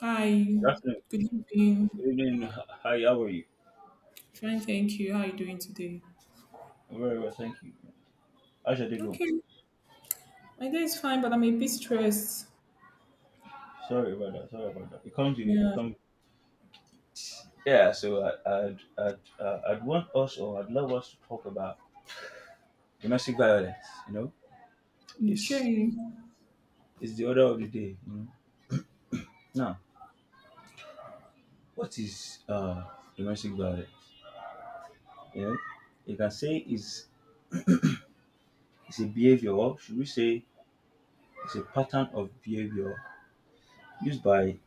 Hi, Justin, good evening. evening. Hi, how are you? Fine, thank you. How are you doing today? I'm very well, thank you. How should I go? Okay, my day is fine, but I'm a bit stressed. Sorry about that. Sorry about that. It comes with it. Yeah, Come. Yeah. So I'd want us or I'd love us to talk about domestic violence. You know, it's okay, it's the order of the day. You know. Now, what is domestic violence? You know, you can say it's a behavior. Or should we say it's a pattern of behavior used by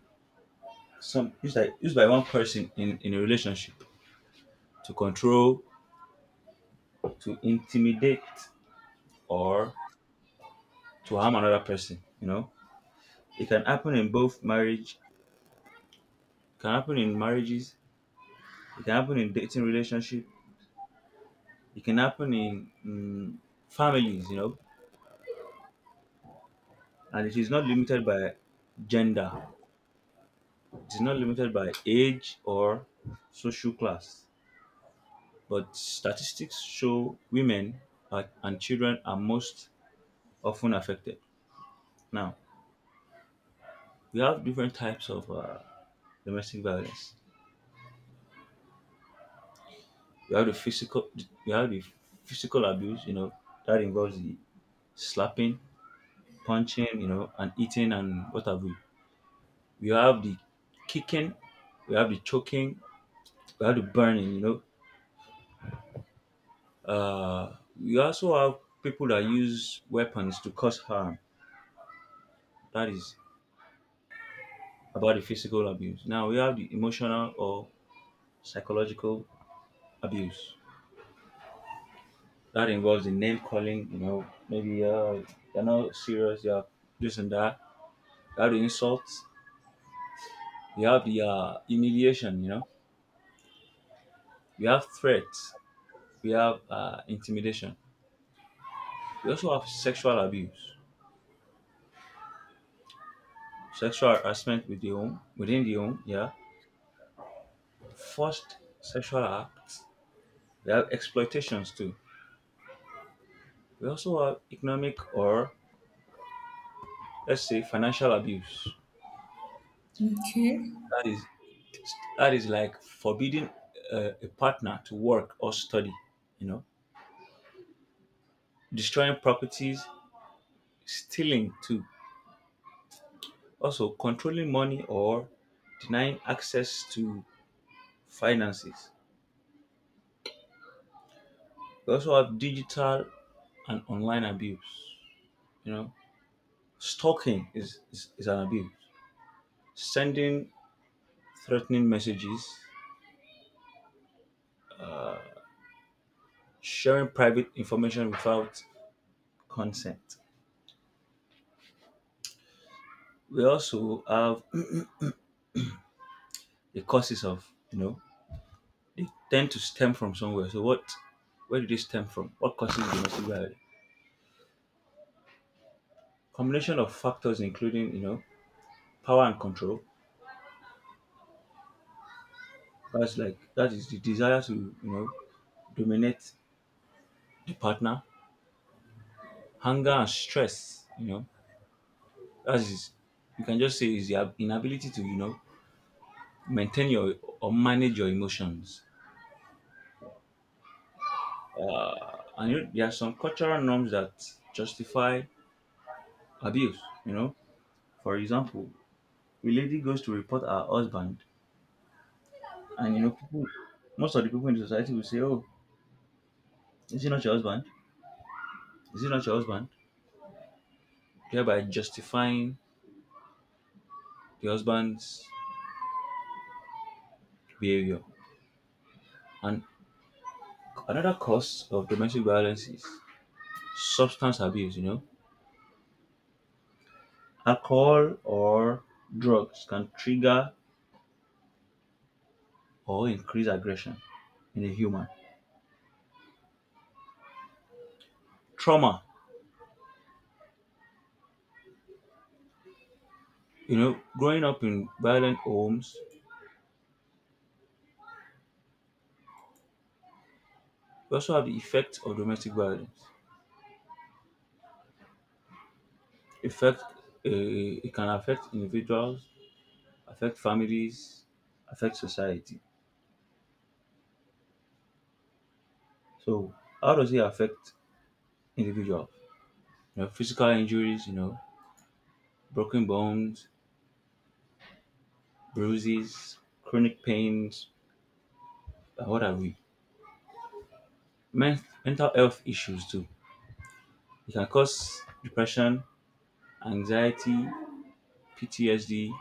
one person in a relationship to control, to intimidate, or to harm another person. You know, it can happen in marriages, it can happen in dating relationship, it can happen in mm, families. You know, and it is not limited by gender, it is not limited by age or social class, but statistics show women are, and children are most often affected. Now we have different types of domestic violence. We have the physical, we have the physical abuse. You know, that involves the slapping, punching, you know, and eating and what have we. We have the kicking, we have the choking, we have the burning. You know, we also have people that use weapons to cause harm. That is about the physical abuse. Now we have the emotional or psychological abuse. That involves the name calling, you know, maybe they're not serious, they're this and that. We have the insults, we have the humiliation, you know, we have threats, we have intimidation. We also have sexual abuse, sexual harassment with the home, within the home, yeah, forced sexual acts. We have exploitations too. We also have economic or, let's say, financial abuse. okay, That is that is like forbidding a partner to work or study, you know, destroying properties, stealing too. Also, controlling money or denying access to finances. We also have digital and online abuse. You know, stalking is an abuse. Sending threatening messages, sharing private information without consent. We also have the causes of, you know, they tend to stem from somewhere. So what, where did they stem from? What causes domestic violence? Combination of factors including, you know, power and control. That's like, that is the desire to, you know, dominate the partner, hunger and stress. You know, that is, you can just say is the inability to, you know, maintain your or manage your emotions. And you know, there are some cultural norms that justify abuse. You know, for example, a lady goes to report her husband, and you know people, most of the people in the society will say, "Oh, is he not your husband? Is he not your husband?" Thereby justifying the husband's behavior. And Another cause of domestic violence is substance abuse, you know. Alcohol or drugs can trigger or increase aggression in a human. Trauma, you know, growing up in violent homes. We also have the effect of domestic violence. Effect, it can affect individuals, affect families, affect society. So, how does it affect individuals? You know, physical injuries, you know, broken bones, bruises, chronic pains, what are we? Mental health issues too. It can cause depression, anxiety, PTSD,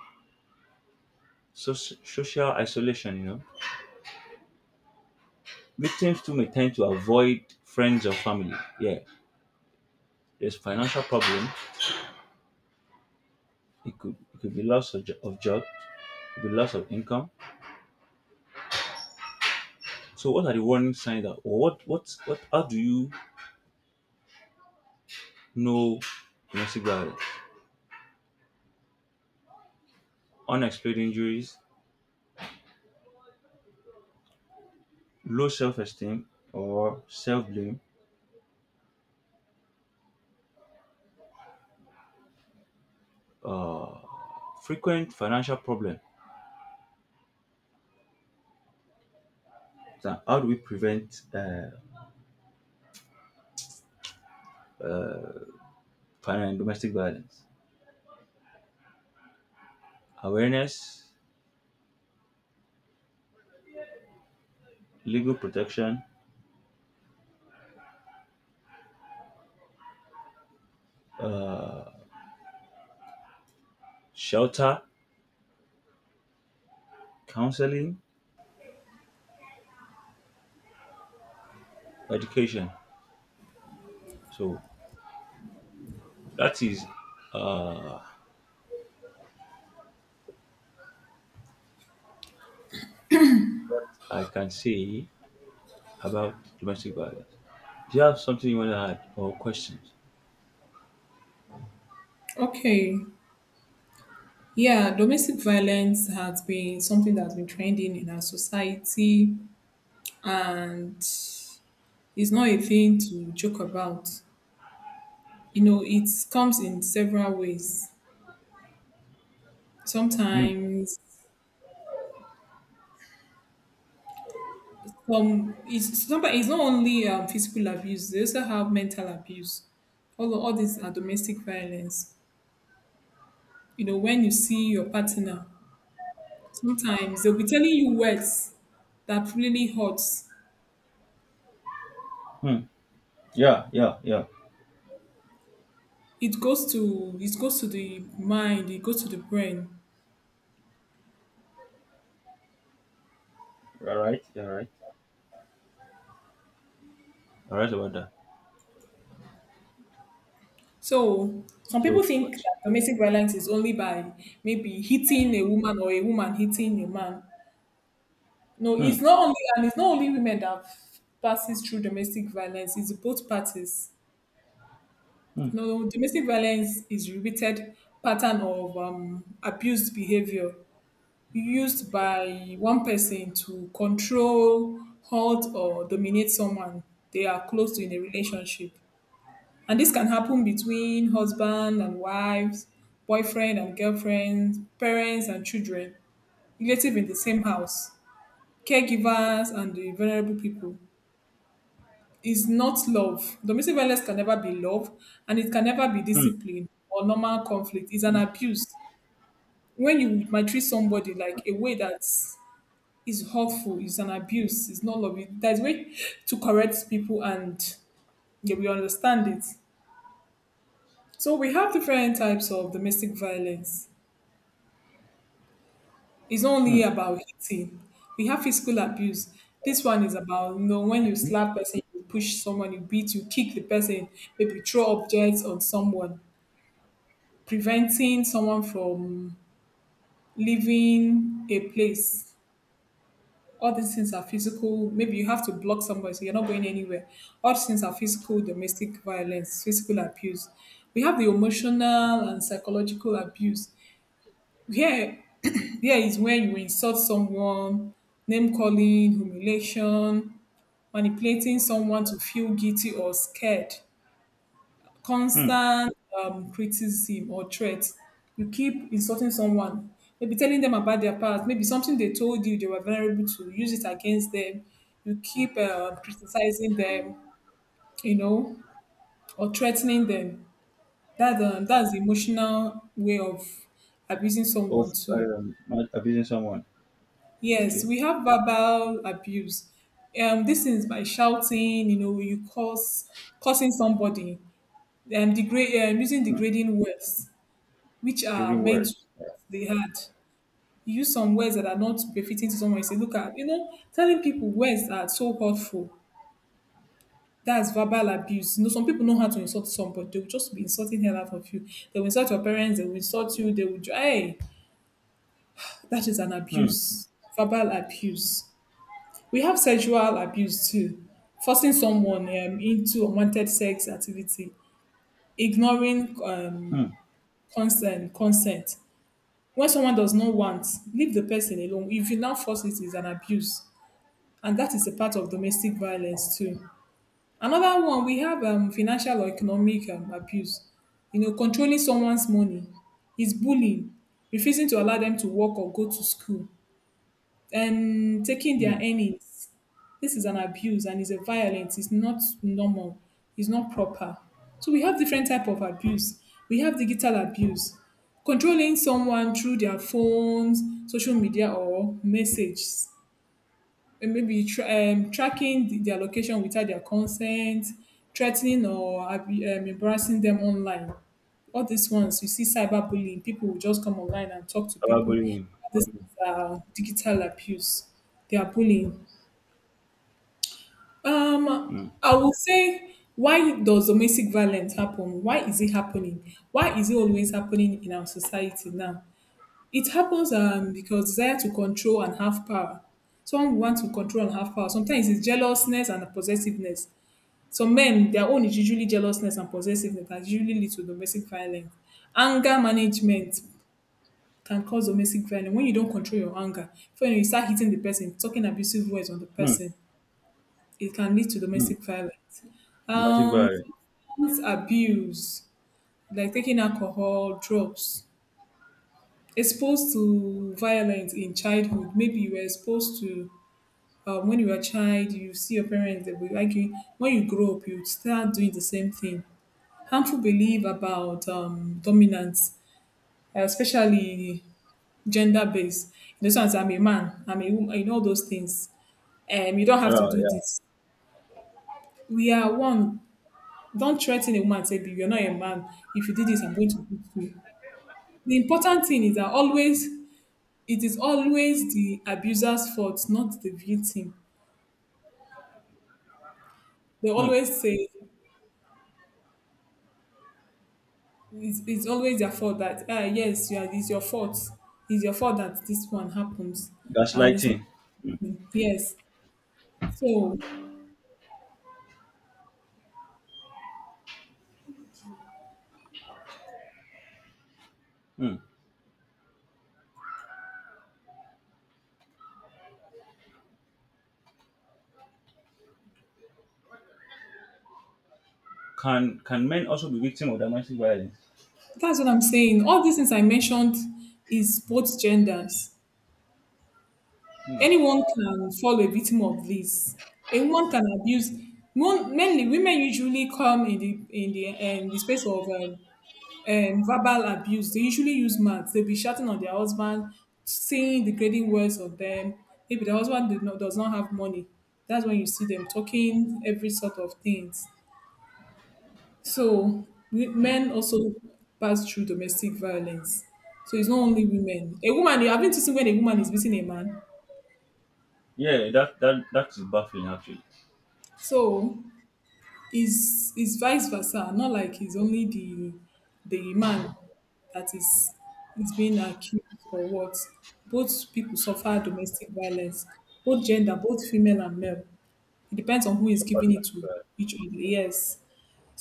social isolation. You know, victims too may tend to avoid friends or family. Yeah, there's financial problem. It could be loss of, of job. It could be loss of income. So, what are the warning signs that, or what? How do you know domestic violence? Unexplained injuries, low self-esteem, or self-blame. Uh, frequent financial problem. So how do we prevent family and domestic violence? Awareness, legal protection, shelter, counseling, education. So that is, uh, I can say about domestic violence. Do you have something you want to add or questions? okay. Yeah, domestic violence has been something that's been trending in our society, and it's not a thing to joke about. You know, it comes in several ways. Hmm. Sometimes it's somebody, it's not only physical abuse, they also have mental abuse. All these are domestic violence. You know, when you see your partner, sometimes they'll be telling you words that really hurts. Hmm. Yeah, yeah, yeah. It goes to, it goes to the mind, it goes to the brain. You're right. You're right. You're right about that. So some people So, think but that domestic violence is only by maybe hitting a woman or a woman hitting a man. No, hmm, it's not only, and it's not only women that passes through domestic violence, it's both parties. hmm, No, no, domestic violence is repeated pattern of abused behavior used by one person to control, halt, or dominate someone they are close to in a relationship. And this can happen between husband and wives, boyfriend and girlfriend, parents and children, relative in the same house, caregivers and the vulnerable people. Is not love. Domestic violence can never be love, and it can never be hmm, discipline or normal conflict. It's an abuse. When you might treat somebody like a way that is hurtful, is an abuse, it's not love. There's way to correct people, and yeah, we understand it. So we have different types of domestic violence. It's not only hmm, about hitting. We have physical abuse. This one is about, you know, when you hmm. slap person, you push someone, you beat, you kick the person, maybe throw objects on someone, preventing someone from leaving a place. All these things are physical. Maybe you have to block somebody, so you're not going anywhere. All these things are physical domestic violence, physical abuse. We have the emotional and psychological abuse. Here, here is when you insult someone, name calling, humiliation, manipulating someone to feel guilty or scared, Hmm. constant criticism or threat. You keep insulting someone, maybe telling them about their past, maybe something they told you they were vulnerable to, use it against them. You keep criticizing them, you know, or threatening them. That's the emotional way of abusing Of someone too. um, abusing someone. Yes, Okay, we have verbal abuse. This is by shouting, you know, you curse, cursing somebody, degrade, using degrading words which are killing meant to words. they had. You use some words that are not befitting to someone. You say, look at, you know, telling people words that are so hurtful. That's verbal abuse. You know, some people know how to insult somebody. They will just be insulting hell out of you. They will insult your parents. They will insult you. They will, hey, that is an Hmm, abuse. Verbal abuse. We have sexual abuse too. Forcing someone into unwanted sex activity. Ignoring hmm, consent. Consent, when someone does not want, leave the person alone. If you now force, it's an abuse. And that is a part of domestic violence too. Another one, we have financial or economic abuse. You know, controlling someone's money is bullying, refusing to allow them to work or go to school, and taking their hmm. earnings. This is an abuse and is a violence. It's not normal, it's not proper. So we have different type of abuse. We have digital abuse, controlling someone through their phones, social media, or messages, and maybe tracking their location without their consent, threatening or embarrassing them online. All these ones, you see, cyberbullying. People will just come online and talk to people. Cyberbullying. This is digital abuse. They are bullying. Mm, I would say, why does domestic violence happen? Why is it happening? Why is it always happening in our society now? It happens because desire to control and have power. Some want to control and have power. Sometimes it's jealousness and possessiveness. Some men, their own is usually jealousness and possessiveness that usually lead to domestic violence. Anger management can cause domestic violence when you don't control your anger. When, you know, you start hitting the person, talking abusive words on the mm, person, it can lead to mm, domestic violence. domestic Um, violence. Sex abuse, like taking alcohol, drugs, exposed to violence in childhood. Maybe you were exposed to, when you were a child, you see your parents they were arguing. When you grow up, you start doing the same thing. Harmful belief about dominance, especially gender based. In the sense, I'm a man, I'm a woman, you know those things. You don't have to do Uh, this. We are one. Don't threaten a woman, say, "Babe, you're not a man. If you do this, I'm going to beat you." The important thing is that always it is always the abuser's fault, not the victim. They mm, always say it's always their fault that, ah yes, you are, it's your fault. It's your fault that this one happens, and it's not gaslighting. me." Yes. So Mm. Can men also be victim of domestic violence? that's what I'm saying. All these things I mentioned is both genders. Anyone can fall a victim of this. A woman can abuse. Mainly, women usually come in the space of verbal abuse. They usually use mouth. They'll be shouting on their husband, saying degrading words on them. Maybe the husband did not, does not have money. That's when you see them talking every sort of things. So men also pass through domestic violence. So it's not only women. A woman, you haven't seen when a woman is beating a man. Yeah, that is baffling actually. So is vice versa. Not like he's only the man that is being accused or what. Both people suffer domestic violence, both gender, both female and male. It depends on who is Suffer giving it to domestic violence. each other. Yes.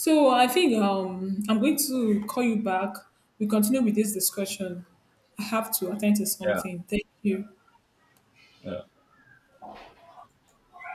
So I think I'm going to call you back. We continue with this discussion. I have to attend to Yeah. something. Thank you. Yeah.